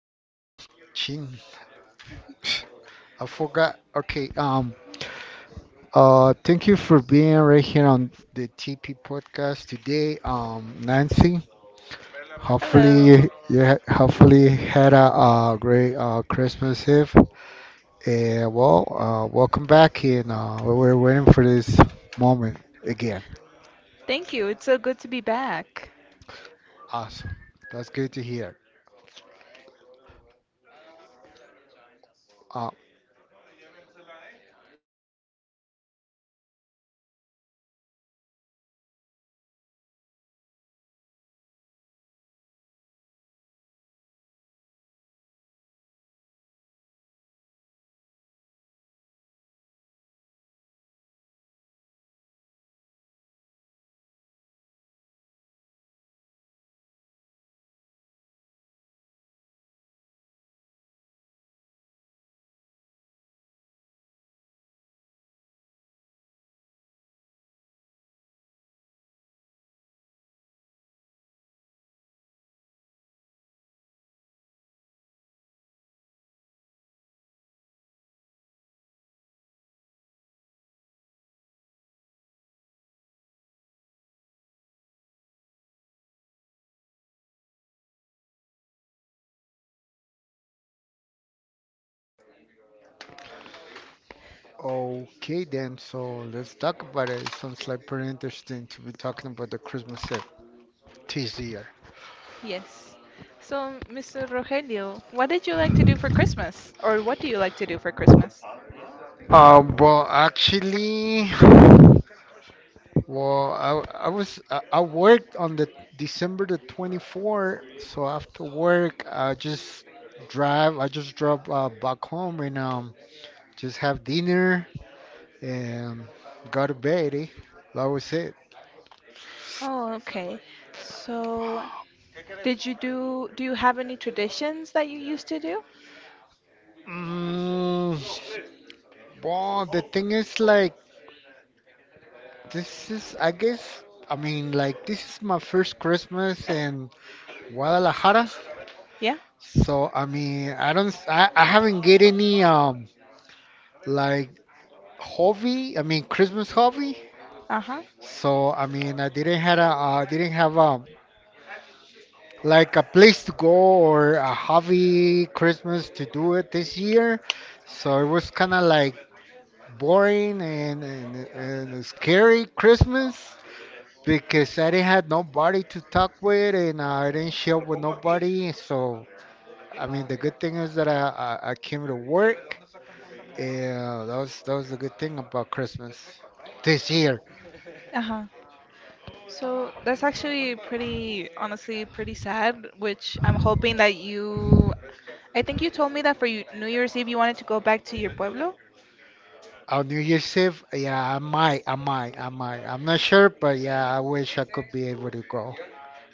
Um, chin. I forgot. Okay. Thank you for being right here on the TP podcast today, Nancy. Hopefully Hello. you, ha- hopefully had great Christmas Eve. Welcome back, and we were waiting for this moment again. Thank you. It's so good to be back. Awesome. That's good to hear. Uh, okay then. So let's talk about it. Sounds like pretty interesting to be talking about the Christmas Eve this year? Yes. So, Mr. Rogelio, what did you like to do for Christmas? Or what do you like to do for Christmas? Actually, I worked on the December the 24th, so after work, I just drive. I just drove back home, and just have dinner and go to bed. Eh? That was it. Oh, okay. So, did you do do you have any traditions that you used to do? Mm, well, the thing is, like, this is, I guess, I mean, like, this is my first Christmas in Guadalajara. Yeah? So I mean, I don't, I haven't get any like hobby. I mean, Christmas hobby. Uh-huh. So I mean, I didn't had a, didn't have like a place to go or a hobby Christmas to do it this year. So it was kind of like boring, and and a scary Christmas because I didn't had nobody to talk with, and I didn't share with nobody. So I mean, the good thing is that I came to work. Yeah, that was a good thing about Christmas this year. Uh-huh. So, that's actually pretty honestly pretty sad, which I'm hoping that you I think you told me that for New Year's Eve you wanted to go back to your pueblo. On New Year's Eve, yeah, I might. I'm not sure, but yeah, I wish I could be able to go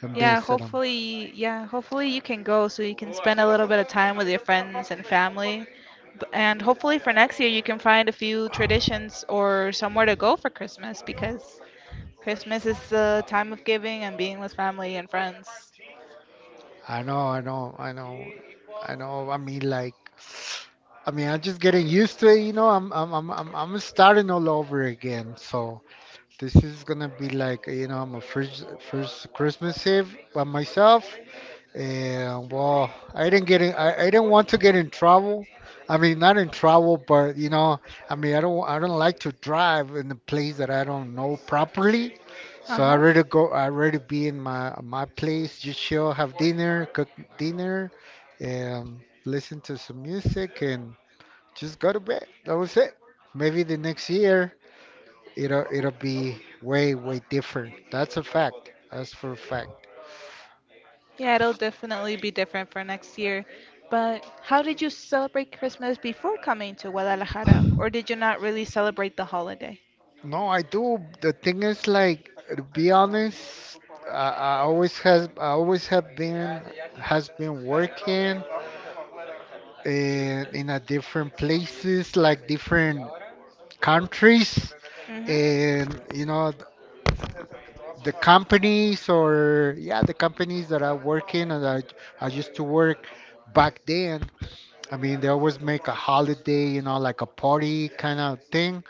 and visit them. Yeah, hopefully you can go so you can spend a little bit of time with your friends and family. And hopefully for next year you can find a few traditions or somewhere to go for Christmas because Christmas is the time of giving and being with family and friends. I know, I know, I know, I know. I mean, like, I mean, I'm just getting used to it, you know. I'm starting all over again. So this is gonna be like, you know, my first Christmas Eve by myself. And well, I didn't want to get in trouble. I mean, not in trouble, but you know, I mean, I don't like to drive in a place that I don't know properly. So Uh-huh. I rather be in my place, just chill, have dinner, cook dinner, and listen to some music, and just go to bed. That was it. Maybe the next year it'll be way different. That's a fact. That's for a fact. Yeah, it'll definitely be different for next year. But how did you celebrate Christmas before coming to Guadalajara? Or did you not really celebrate the holiday? No, I do. The thing is, like, to be honest, I always have been working in a different places, like different countries, Mm-hmm. and you know, the companies, or yeah, the companies that I used to work back then. I mean, they always make a holiday, you know, like a party kind of thing.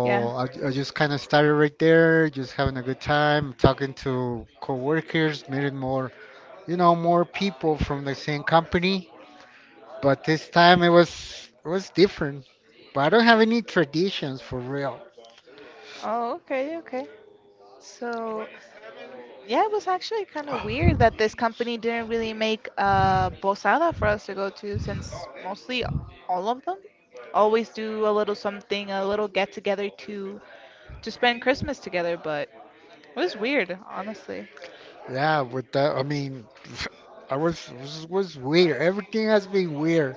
Yeah. I just kind of started right there, just having a good time, talking to coworkers, meeting more, you know, more people from the same company. But this time it was different. But I don't have any traditions for real. Oh, okay, okay. So, yeah, it was actually kind of weird that this company didn't really make a posada for us to go to since mostly all of them always do a little something, a little get together to spend Christmas together, but it was weird, honestly. Yeah, with that, I mean, I was weird. Everything has been weird.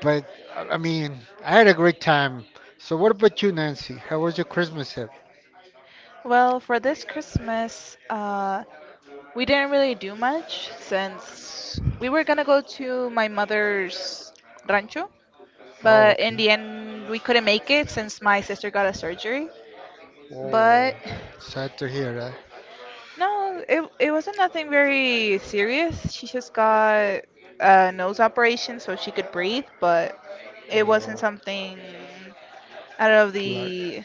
But I mean, I had a great time. So what about you, Nancy? How was your Christmas Eve? Well, for this Christmas, we didn't really do much since we were gonna go to my mother's rancho, Oh, but in okay. the end we couldn't make it since my sister got a surgery. Oh, But sad to hear no, it wasn't nothing very serious. She just got a nose operation so she could breathe, but it wasn't that. something out of Like the.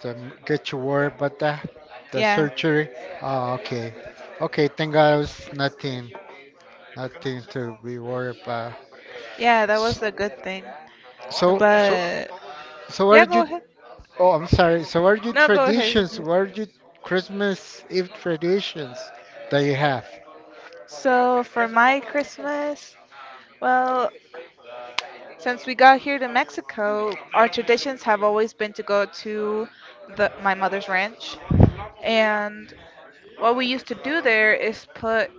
the, m- get your word but the Yeah. surgery. Oh, okay. Okay, thank god it's nothing, nothing to be worried about. Yeah, that S- was a good thing. so so But so what yeah, are go you— ahead. oh, I'm sorry, so what are your No, go ahead, go traditions, ahead. what are your Christmas Eve traditions that you have? So for my Christmas, well, since we got here to Mexico, our traditions have always been to go to the my mother's ranch. And what we used to do there is put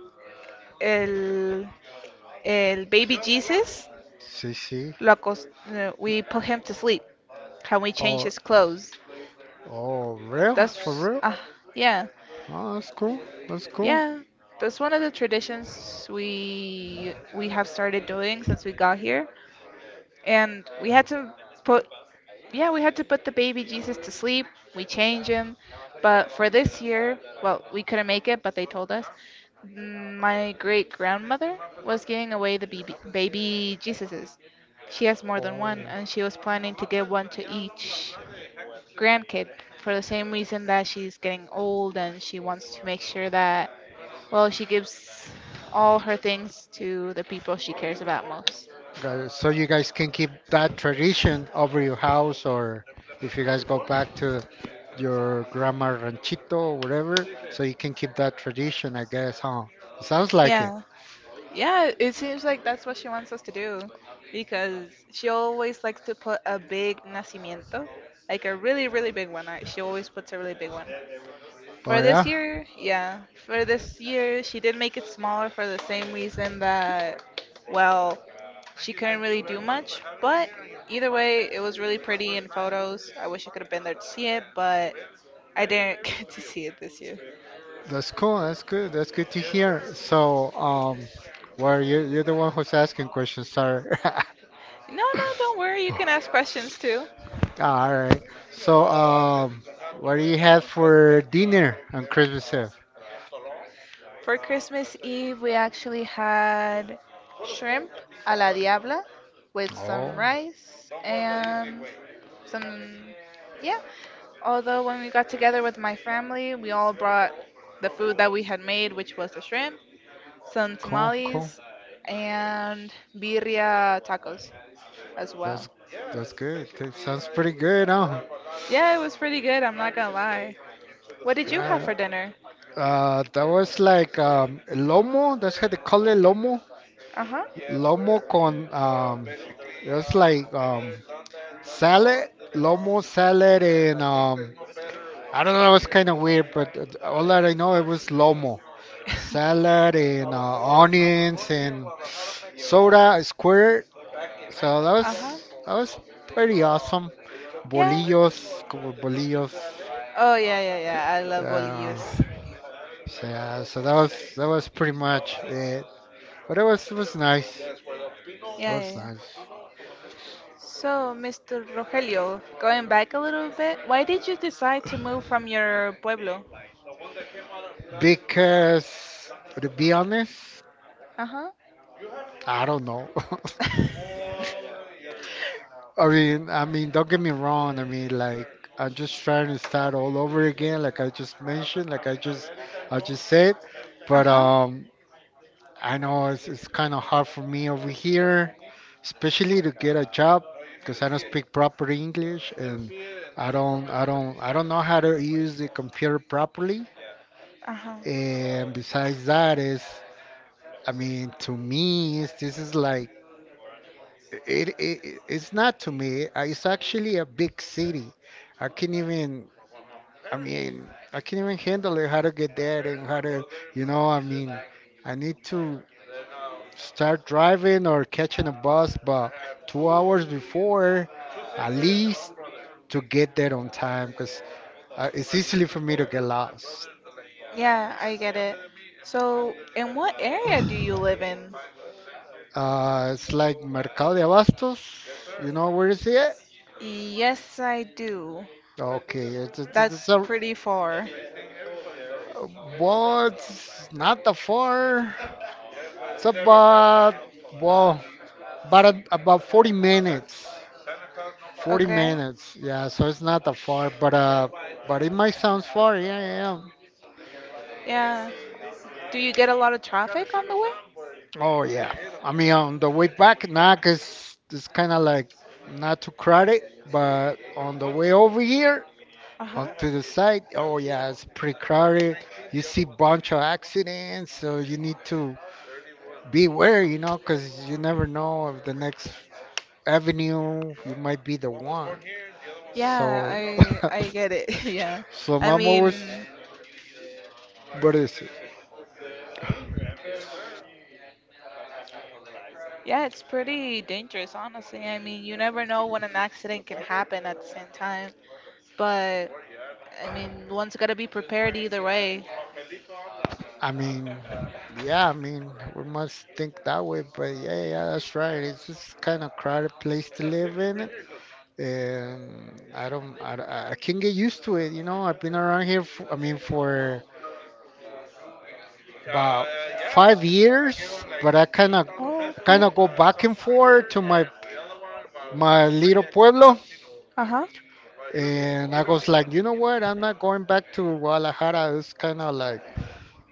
el, el baby Jesus, See, see. lo acos- we put him to sleep and we change Oh, his clothes. oh, real, for That's, real? Yeah, Oh, that's cool, that's cool. yeah. That's one of the traditions we have started doing since we got here. And we had to put, yeah, we had to put the baby Jesus to sleep. We changed him, but for this year, well, we couldn't make it, but they told us, my great grandmother was giving away the baby Jesuses. She has more than Oh, one, and she was planning to give one to each grandkid for the same reason that she's getting old and she wants to make sure that, well, she gives all her things to the people she cares about most. got it. So you guys can keep that tradition over your house, or if you guys go back to your grandma ranchito or whatever, so you can keep that tradition, I guess, huh? Sounds like it. Yeah. Yeah, it seems like that's what she wants us to do because she always likes to put a big nacimiento, like a really, really big one. She always puts a really big one. Oh For this yeah, year, yeah, for this year, she did make it smaller for the same reason that, well, she couldn't really do much, but either way, it was really pretty in photos. I wish I could have been there to see it, but I didn't get to see it this year. that's cool. That's good. That's good to hear. So, well, you you're the one who's asking questions. Sorry. No, no, don't worry. You can ask questions too. All right. So, what do you have for dinner on Christmas Eve? For Christmas Eve, we actually had shrimp a la diabla with some Oh, rice and some, yeah. Although when we got together with my family, we all brought the food that we had made, which was the shrimp, some cool, cool. tamales, and birria tacos as well. That's that's good. That sounds pretty good, huh? Yeah, it was pretty good, I'm not gonna lie. What did you have Uh, for dinner? That was like lomo. That's how they call it, lomo. Uh huh. Lomo con it's like salad, lomo salad, and I don't know. It's kind of weird, but all that I know, it was lomo salad, and onions, and soda squirt. So that was Uh huh. Pretty awesome. Yeah. Bolillos, como bolillos. Oh yeah, yeah, yeah. I love Uh, Bollywood. so yeah, so that was pretty much it. But it was nice. Yeah, It yeah, was yeah. nice. So, Mr. Rogelio, going back a little bit, why did you decide to move from your pueblo? Because to be honest, Uh-huh. I don't know. I mean, don't get me wrong. I mean, like, I'm just trying to start all over again, like I just mentioned, like I just said. But Uh-huh. I know it's kind of hard for me over here, especially to get a job, because I don't speak proper English, and I don't know how to use the computer properly. Uh-huh. And besides that, is, I mean, to me, this is like— it's not to me. It's actually a big city. I can't even. I mean, I can't even handle it. How to get there and how to, you know, I mean, I need to start driving or catching a bus, but two hours before, at least, to get there on time, because it's easily for me to get lost. Yeah, I get it. So, in what area do you live in? It's like Mercado de Abastos. You know where is it? Yes, I do. Okay, it's That's a— pretty far. Uh, But not that far. It's about, well, about about 40 minutes. 40 Okay. minutes. Yeah, so it's not that far, but it might sound far. Yeah, yeah, yeah. Yeah. Do you get a lot of traffic on the way? Oh yeah. I mean, on the way back, now, cause it's kind of like not too crowded, but on the way over here. Uh On huh. to the side, oh yeah, it's pretty crowded. You see bunch of accidents, so you need to beware, you know, because you never know if the next avenue, you might be the one. Yeah, So, I get it. Yeah. so I mom always, mean, what is it? yeah, it's pretty dangerous, honestly. I mean, you never know when an accident can happen at the same time. But, I mean, one's gotta be prepared either way. I mean, yeah, I mean, we must think that way, but yeah, yeah, yeah, that's right. It's just kind of crowded place to live in, and I can't get used to it. You know, I've been around here for, I mean, for about five years, but Oh, kind okay. of go back and forth to my little pueblo. Uh huh. And I was like, you know what? I'm not going back to Guadalajara. It's kind of like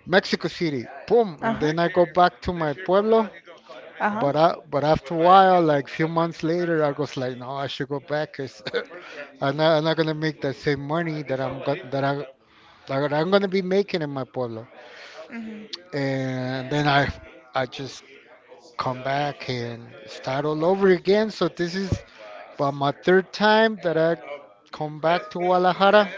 Mexico City. Boom. Uh And huh. then I go back to my pueblo. Uh huh. But after a while, like few months later, I was like, no, I should go back. 'Cause I'm not gonna make that same money that I'm go- that I that I'm gonna be making in my pueblo. Mhm. And then I just come back and start all over again. So this is about my third time that I come back to Guadalajara,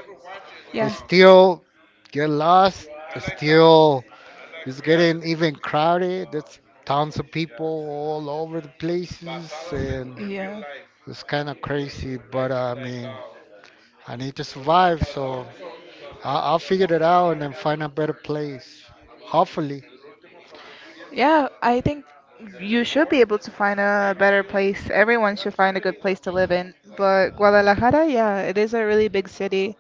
still get lost. Still, it's getting even crowded. There's tons of people all over the places, and Yeah. Yeah. it's kind of crazy. But I mean, I need to survive, so I'll figure it out and then find a better place. Hopefully. Yeah, I think you should be able to find a better place. Everyone should find a good place to live in. But Guadalajara, yeah, it is a really big city,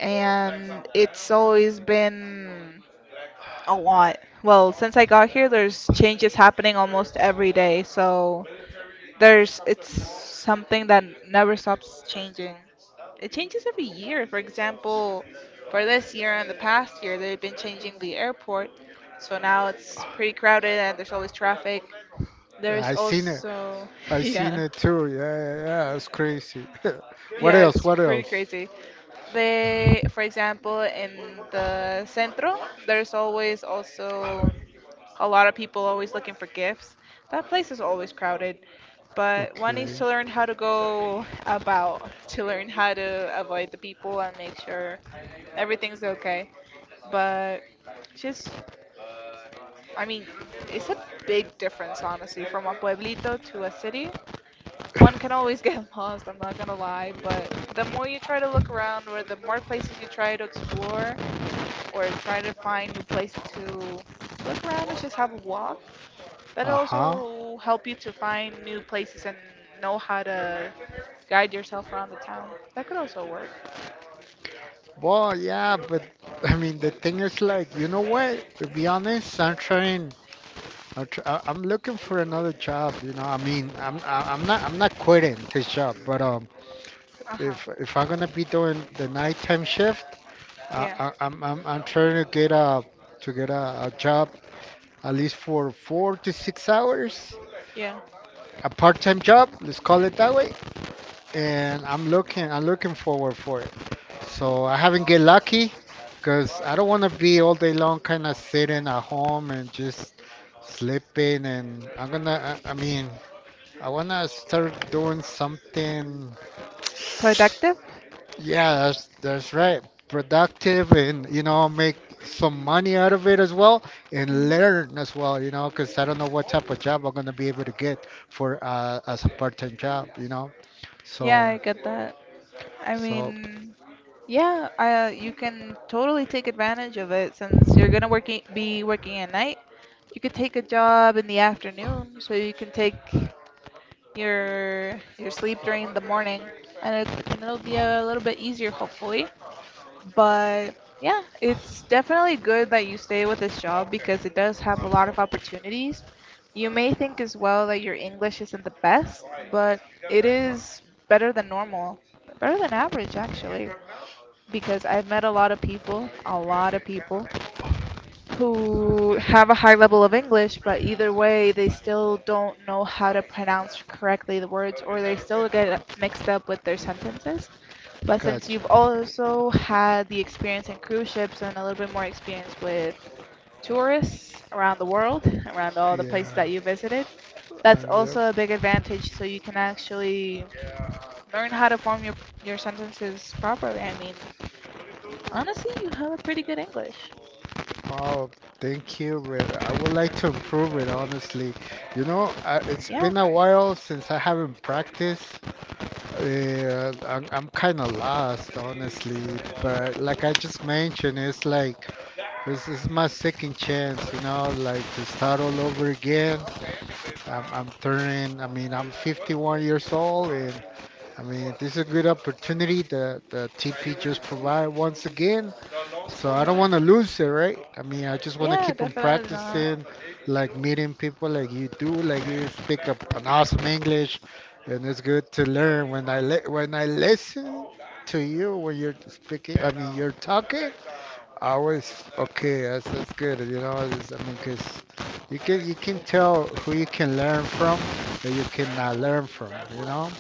and it's always been a lot. Well, since I got here, there's changes happening almost every day, so there's it's something that never stops changing. It changes every year. For example, for this year and the past year, they've been changing the airport, so now it's pretty crowded and there's always traffic. There's I seen it. also I seen yeah, it too. Yeah, yeah, yeah. It's crazy. What yeah, else? it's What pretty else? crazy. They, for example, in the centro, there's always also a lot of people always looking for gifts. That place is always crowded, but one needs to Okay. learn how to go about, to learn how to avoid the people and make sure everything's okay. But just, I mean, it's a big difference, honestly, from a pueblito to a city. One can always get lost, I'm not gonna lie, but the more you try to look around, or the more places you try to explore, or try to find new places to look around and just have a walk, but it Uh huh. also help you to find new places and know how to guide yourself around the town. That could also work. Well, yeah, but I mean, the thing is like, you know what? To be honest, I'm trying. I'm looking for another job. You know, I mean, I'm not quitting this job, but Uh huh. if I'm gonna be doing the nighttime shift, Yeah, I, I'm trying to get a— to get a job at least for four to six hours, yeah. a part-time job. Let's call it that way. And I'm looking forward for it. So I haven't get lucky, because I don't want to be all day long kind of sitting at home and just sleeping, and I mean, I wanna start doing something. Productive? Yeah, that's right, productive, and you know, make some money out of it as well, and Mhm. learn as well, you know, because I don't know what type of job I'm gonna be able to get for, as a part-time job, you know. Yeah, So I get that. I so. mean, yeah, I, you can totally take advantage of it since you're gonna working be working at night. You could take a job in the afternoon, so you can take your sleep during the morning, and it'll be a little bit easier, hopefully. But yeah, it's definitely good that you stay with this job because it does have a lot of opportunities. You may think as well that your English isn't the best, but it is better than normal, better than average actually, because I've met a lot of people, a lot of people who have a high level of English, but either way, they still don't know how to pronounce correctly the words or they still get mixed up with their sentences. But since Gotcha. you've also had the experience in cruise ships and a little bit more experience with tourists around the world, around all the places Yeah. that you visited, that's Yep. also a big advantage so you can actually learn how to form your sentences properly. I mean, honestly, you have a pretty good English. Oh, thank you, but I would like to improve it, honestly. You know, I, it's Yeah, been a while since I haven't practiced. Yeah, I'm kind of lost, honestly. But like I just mentioned, it's like this is my second chance, you know, like to start all over again. I mean, I'm 51 years old, and I mean, this is a good opportunity that the TP just provide once again. So I don't want to lose it, right? I mean, I just want to yeah, keep on definitely not. practicing, like meeting people like you do, like you speak up an awesome English, and it's good to learn when when I listen to you when you're speaking. I mean, you're talking. I was okay. That's good. I mean, cause you can tell who you can learn from and you cannot learn from. You know,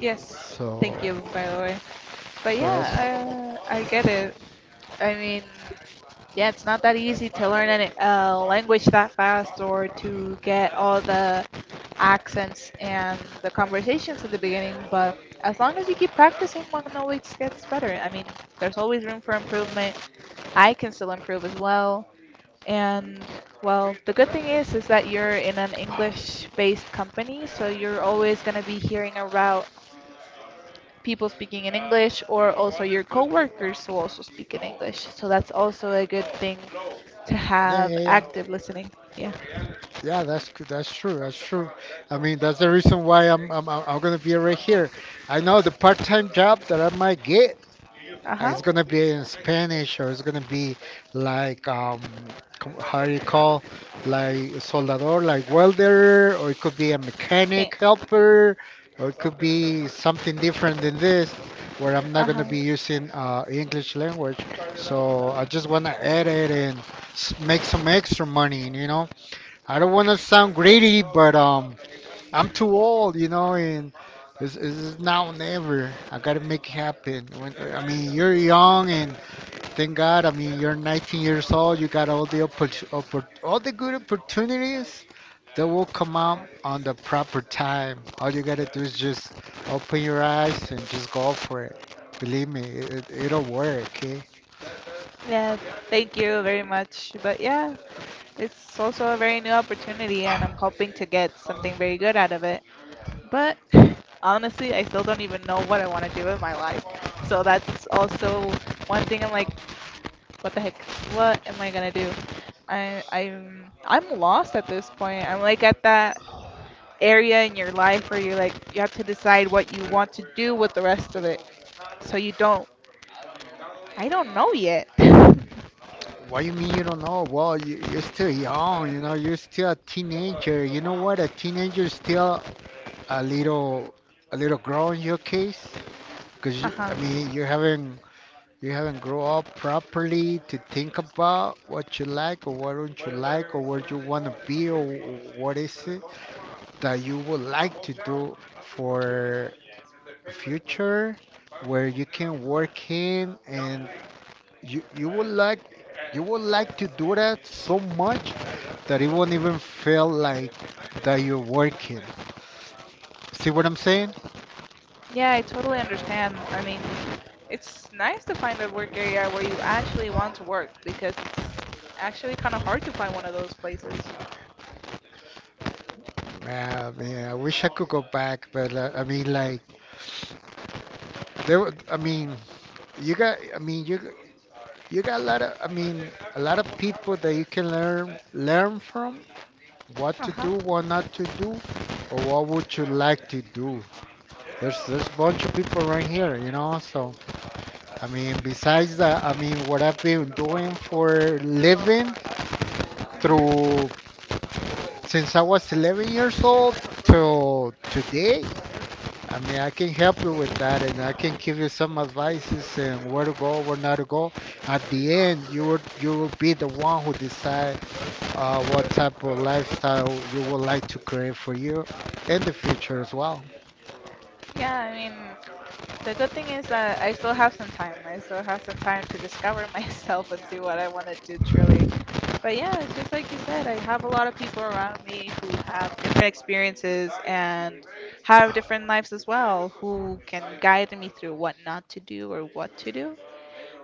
Yes, so thank you, by the way. But so that's yeah, I get it. I mean, yeah, it's not that easy to learn a language that fast or to get all the accents and the conversations at the beginning, but as long as you keep practicing, one always gets better. I mean, there's always room for improvement. I can still improve as well. And well, the good thing is that you're in an English-based company, so you're always going to be hearing about people speaking in English or also your coworkers who also speak in English. So that's also a good thing to Yeah, have yeah, yeah. active listening. Yeah. Yeah, that's true. That's true. I mean, that's the reason why I'm gonna be right here. I know the part-time job that I might get, Uh huh. it's gonna be in Spanish or it's gonna be like how do you call, like soldador, like welder, or it could be a Yeah. mechanic helper, or it could be something different than this where I'm Uh not gonna huh. be using English language. So I just wanna edit and make some extra money, you know. I don't want to sound greedy, but I'm too old, you know, and it's now or never. I gotta make it happen. When I mean, you're young, and thank God. I mean, you're 19 years old. You got all the all the good opportunities that will come out on the proper time. All you gotta do is just open your eyes and just go for it. Believe me, it'll work. Okay. Yeah, thank you very much. But yeah, it's also a very new opportunity and I'm hoping to get something very good out of it. But honestly, I still don't even know what I want to do in my life. So that's also one thing I'm like, what the heck? What am I gonna do? I'm lost at this point. I'm like at that area in your life where you like you have to decide what you want to do with the rest of it. So you don't I don't know yet. What you mean you don't know? Well, you're still young, you know, you're still a teenager. You know what? A teenager is still a little, a little girl in your case, because I Uh-huh. mean, you haven't grown up properly to think about what you like or what don't you like or what you want to be or what is it that you would like to do for a future where you can work in and you you would like you would like to do that so much that it won't even feel like that you're working. See what I'm saying? Yeah, I totally understand. I mean, it's nice to find a work area where you actually want to work because it's actually kind of hard to find one of those places. Man, man, I wish I could go back, but I mean, like I mean, you got. I mean, you got a lot of. I mean, a lot of people that you can learn from what to Uh-huh. do, what not to do, or what would you like to do. There's a bunch of people right here, you know. So I mean, besides that, I mean, what I've been doing for living through since I was 11 years old till today, I mean, I can help you with that and I can give you some advices and where to go, where not to go. At the end, you will be the one who decide, what type of lifestyle you would like to create for you in the future as well. Yeah, I mean, the good thing is that I still have some time. I still have some time to discover myself and see what I want to do truly. But yeah, it's just like you said, I have a lot of people around me who have different experiences and have different lives as well, who can guide me through what not to do or what to do.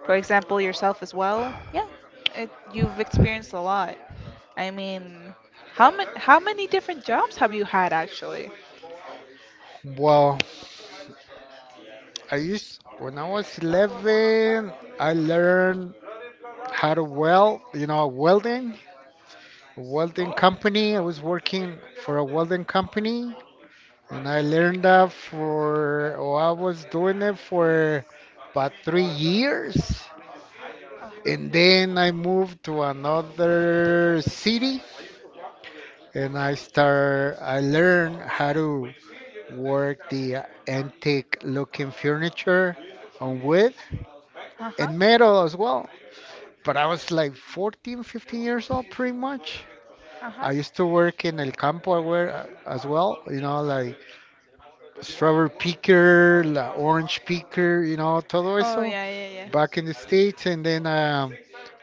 For example, yourself as well. Yeah, you've experienced a lot. I mean, how many different jobs have you had actually? Well, I used when I was 11, I learned how to weld, you know, welding, a welding company. I was working for a welding company and I learned that for, oh, I was doing it for about 3 years. And then I moved to another city and I learned how to work the antique looking furniture on wood Uh-huh. and metal as well. But I was like 14, 15 years old pretty much. Uh-huh. I used to work in El Campo where, as well, you know, like strawberry picker, la orange picker, you know, todo Oh eso yeah, yeah, yeah. back in the States. And then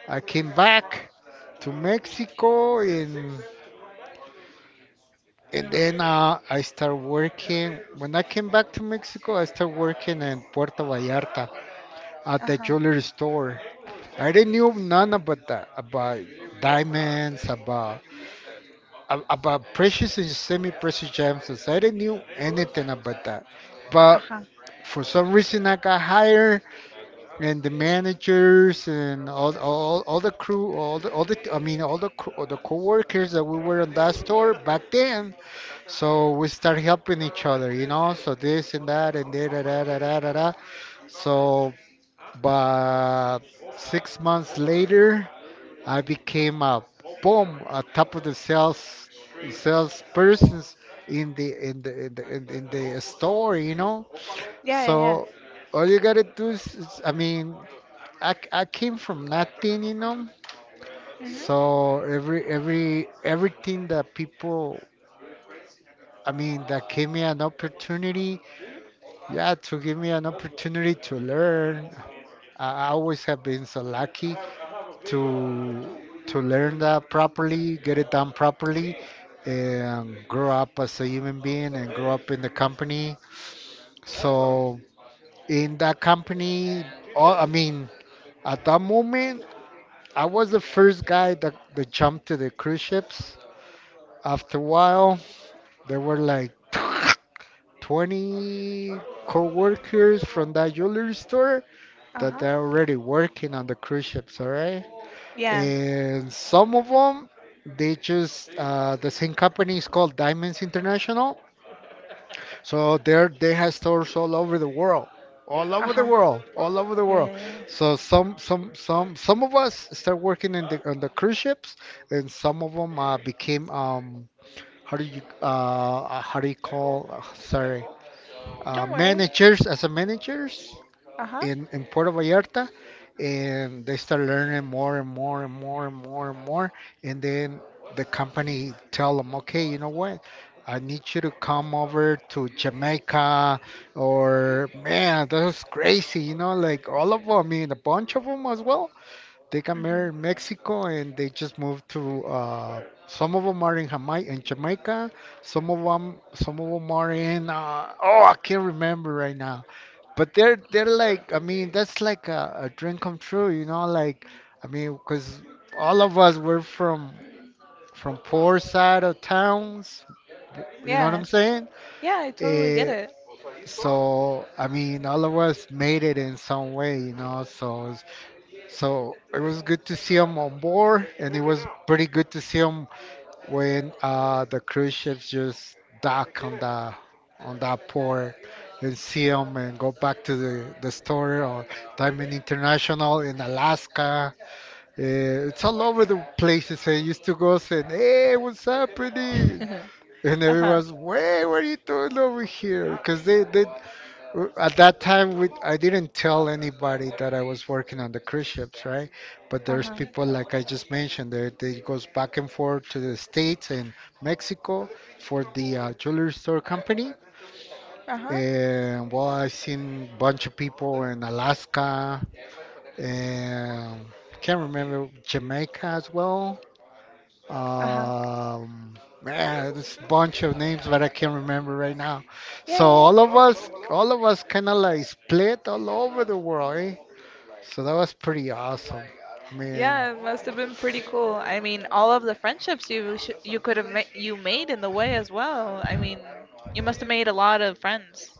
I came back to Mexico and then I started working. When I came back to Mexico, I started working in Puerto Vallarta at the Uh-huh. jewelry store. I didn't know none about that, about diamonds, about about precious and semi-precious gems as I didn't knew anything about that. But Uh-huh. for some reason, I got hired, and the managers and all the crew, all the I mean all the co-workers that we were in that store back then. So we start helping each other, you know. So this and that and da da da da da da. Da. So, but 6 months later. I became a boom, a top of the sales salespersons in the store, you know. Yeah, yeah, yeah. So all you gotta do I mean, I came from nothing, you know. Mm-hmm. So everything that people, I mean, that gave me an opportunity, yeah, to give me an opportunity to learn. I always have been so lucky to to learn that properly, get it done properly, and grow up as a human being and grow up in the company. So in that company, all, I mean, at that moment, I was the first guy that jumped to the cruise ships. After a while, there were like 20 co-workers from that jewelry store that Uh-huh. they're already working on the cruise ships, all right? Yeah. And some of them, they just the same company is called Diamonds International. So there they have stores all over the world, all over the Uh-huh. world, all over the Yeah, yeah, world. yeah. So some of us start working in the on the cruise ships, and some of them became how do you call sorry Don't worry. managers as a managers Uh-huh. In Puerto Vallarta and they start learning more and more and more and more and more. And then the company tell them, okay, you know what? I need you to come over to Jamaica or man, that was crazy, you know, like all of them, I mean, a bunch of them as well. They got married in Mm-hmm. Mexico and they just moved to, some of them are in Jamaica, in Jamaica. Some of them are in. Oh, I can't remember right now. But they're like I mean that's like a dream come true, you know. Like I mean, because all of us were from poor side of towns, you know what I'm Yeah. saying? Yeah, I totally get Eh, it. so I mean, all of us made it in some way, you know. So it was good to see him on board, and it was pretty good to see him when, the cruise ships just dock on the on that port and see them and go back to the store or Diamond International in Alaska. It's all over the places. I used to go saying, "Hey, what's happening?" And Uh-huh. everyone's, "Wait, what are you doing over here?" Because at that time we, I didn't tell anybody that I was working on the cruise ships, right, but there's Uh-huh. people like I just mentioned, they goes back and forth to the states and mexico for the jewelry store company Uh-huh. and well I seen bunch of people in alaska and can't remember jamaica as well. Uh-huh. Man, there's a bunch of names that I can't remember right now. Yeah, So yeah, yeah. All of us, kind of like split all over the world, eh? So that was pretty awesome. I mean, Yeah, it must have been pretty cool. I mean, all of the friendships you sh you could have ma you made in the way as well. I mean, you must have made a lot of friends.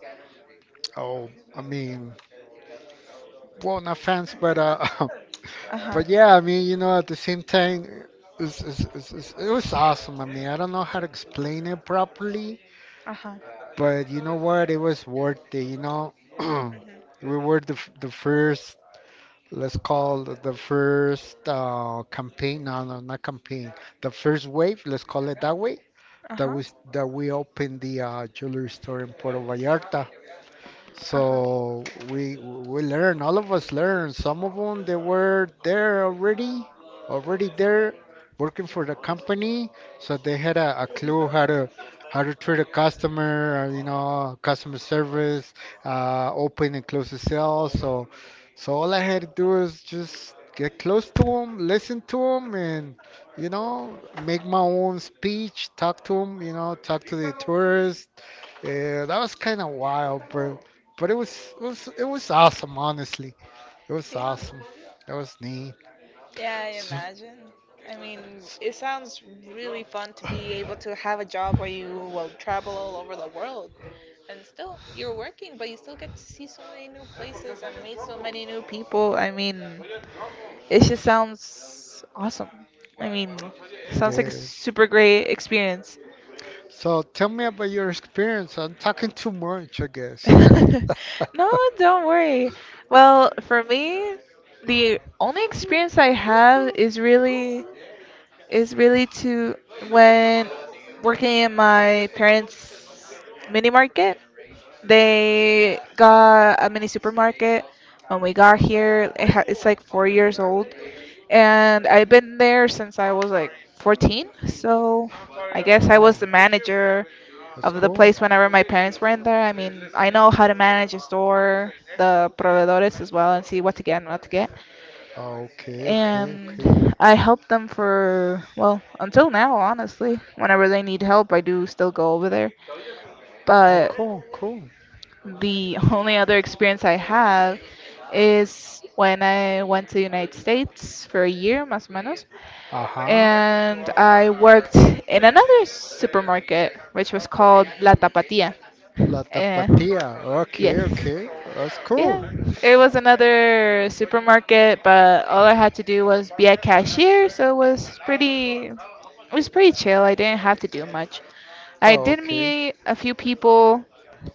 oh, I mean, well, not fans, but Uh-huh. but yeah, I mean, you know, at the same time, it's, it was awesome. I mean, I don't know how to explain it properly, Uh-huh. but you know what? It was worth it. You know, Hmm. we were the first, let's call the first campaign, no, no, not campaign, the first wave, let's call it that way, that Uh-huh. was that we opened the jewelry store in Puerto Vallarta. Uh-huh. So we learn, all of us learn. Some of them they were there already, already there working for the company, so they had a clue how to treat a customer, you know, customer service, open and close the sale. So so all I had to do is just get close to them, listen to them, and you know, make my own speech, talk to them, you know, talk to the tourists. Yeah, that was kind of wild, bro. But it was it was awesome, honestly. It was Yeah. awesome. That was neat. Yeah, I So, imagine. I mean, it sounds really fun to be able to have a job where you will travel all over the world. And still you're working, but you still get to see so many new places and meet so many new people. I mean, it just sounds awesome. I mean, it sounds like a is. super great experience. So tell me about your experience. I'm talking too much, I guess. No, don't worry. Well, for me, the only experience I have is really to when working in my parents' mini market. They got a mini supermarket when we got here. It's like 4 years old, and I've been there since I was like 14. So I guess I was Whoa, the manager that's of the cool. place whenever my parents were in there. I mean, I know how to manage a store, the proveedores as well, and see what to get and what to get. Oh, okay, okay, okay. And I help them for, well, until now, honestly. Whenever they need help, I do still go over there. Oh, But cool, cool. the only other experience I have is when I went to the United States for a year, más o menos, Uh-huh. and I worked in another supermarket, which was called La Tapatía. La Eh, Tapatía. yes. Okay, okay. That's Yeah, cool. it was another supermarket, but all I had to do was be a cashier, so it was pretty, chill. I didn't have to do much. I Oh, did okay. meet a few people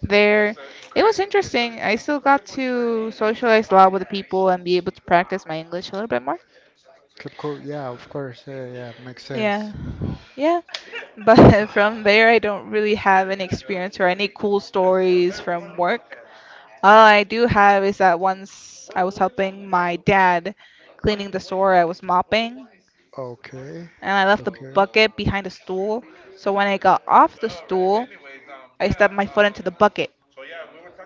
there. It was interesting. I still got to socialize a lot with the people and be able to practice my English a little bit more. Cool. Yeah, of course. Yeah, yeah, makes Yeah. sense. Yeah. But from there, I don't really have any experience or any cool stories from work. All I do have is that once I was helping my dad cleaning the store, I was mopping, Okay. and I left the Okay. bucket behind the stool. So when I got off the stool, I stepped my foot into the bucket.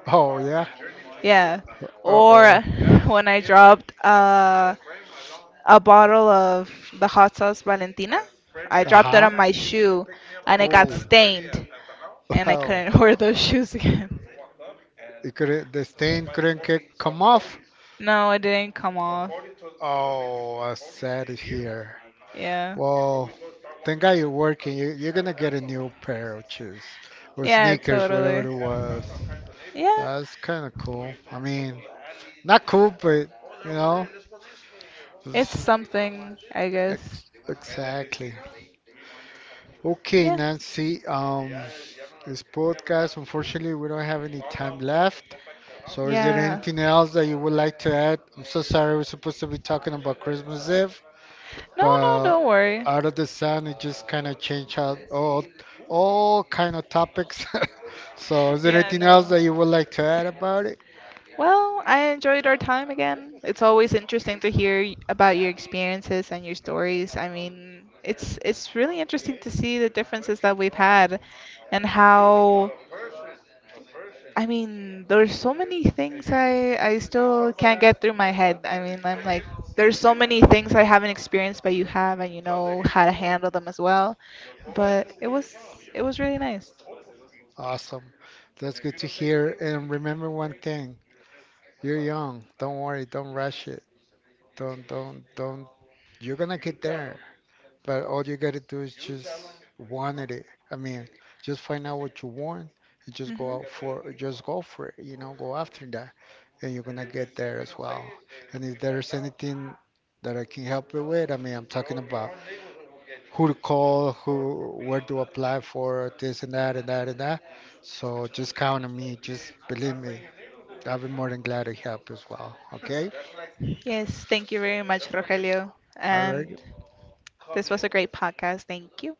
Oh, yeah. Yeah. Uh-oh. Or when I dropped a bottle of the hot sauce Valentina, I dropped it Uh-huh. on my shoe and it got Oh, stained, and I wow. couldn't wear those shoes again. It couldn't, the stain couldn't get, come off. No, it didn't come off. Oh, I sad to hear. Yeah. Well, thank God you're working. You, you're gonna get a new pair of shoes or Yeah, sneakers, whatever totally. it was. Yeah, That's kind of cool. I mean, not cool, but you know, it's this is something, I guess. Exactly. Okay, Yeah. Nancy. This podcast. Unfortunately, we don't have any time left. So, is there Yeah. anything else that you would like to add? I'm so sorry, we're supposed to be talking about Christmas Eve, No, no, but don't worry. out of the sun, it just kind of changed out all kind of topics. So, is there Yeah, anything else no. that you would like to add about it? Well, I enjoyed our time again. It's always interesting to hear about your experiences and your stories. I mean, it's really interesting to see the differences that we've had and how I mean, there's so many things I still can't get through my head. I mean, I'm like, there's so many things I haven't experienced, but you have, and you know how to handle them as well. But it was really nice. Awesome, that's good to hear. And remember one thing: you're young. Don't worry. Don't rush it. Don't don't. You're gonna get there. But all you gotta do is just want it. I mean, just find out what you want and just go Hmm. out for, just go for it, you know, go after that. And you're gonna get there as well. And if there's anything that I can help you with, I mean, I'm talking about who to call, who, where to apply for this and that and that and that. So just count on me. Just believe me. I'll be more than glad to help as well. Okay? Yes, thank you very much, Rogelio, All right. and this was a great podcast. Thank you.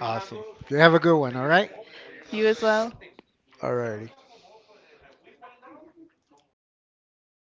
Awesome. You have a good one. All right? You as well. All righty.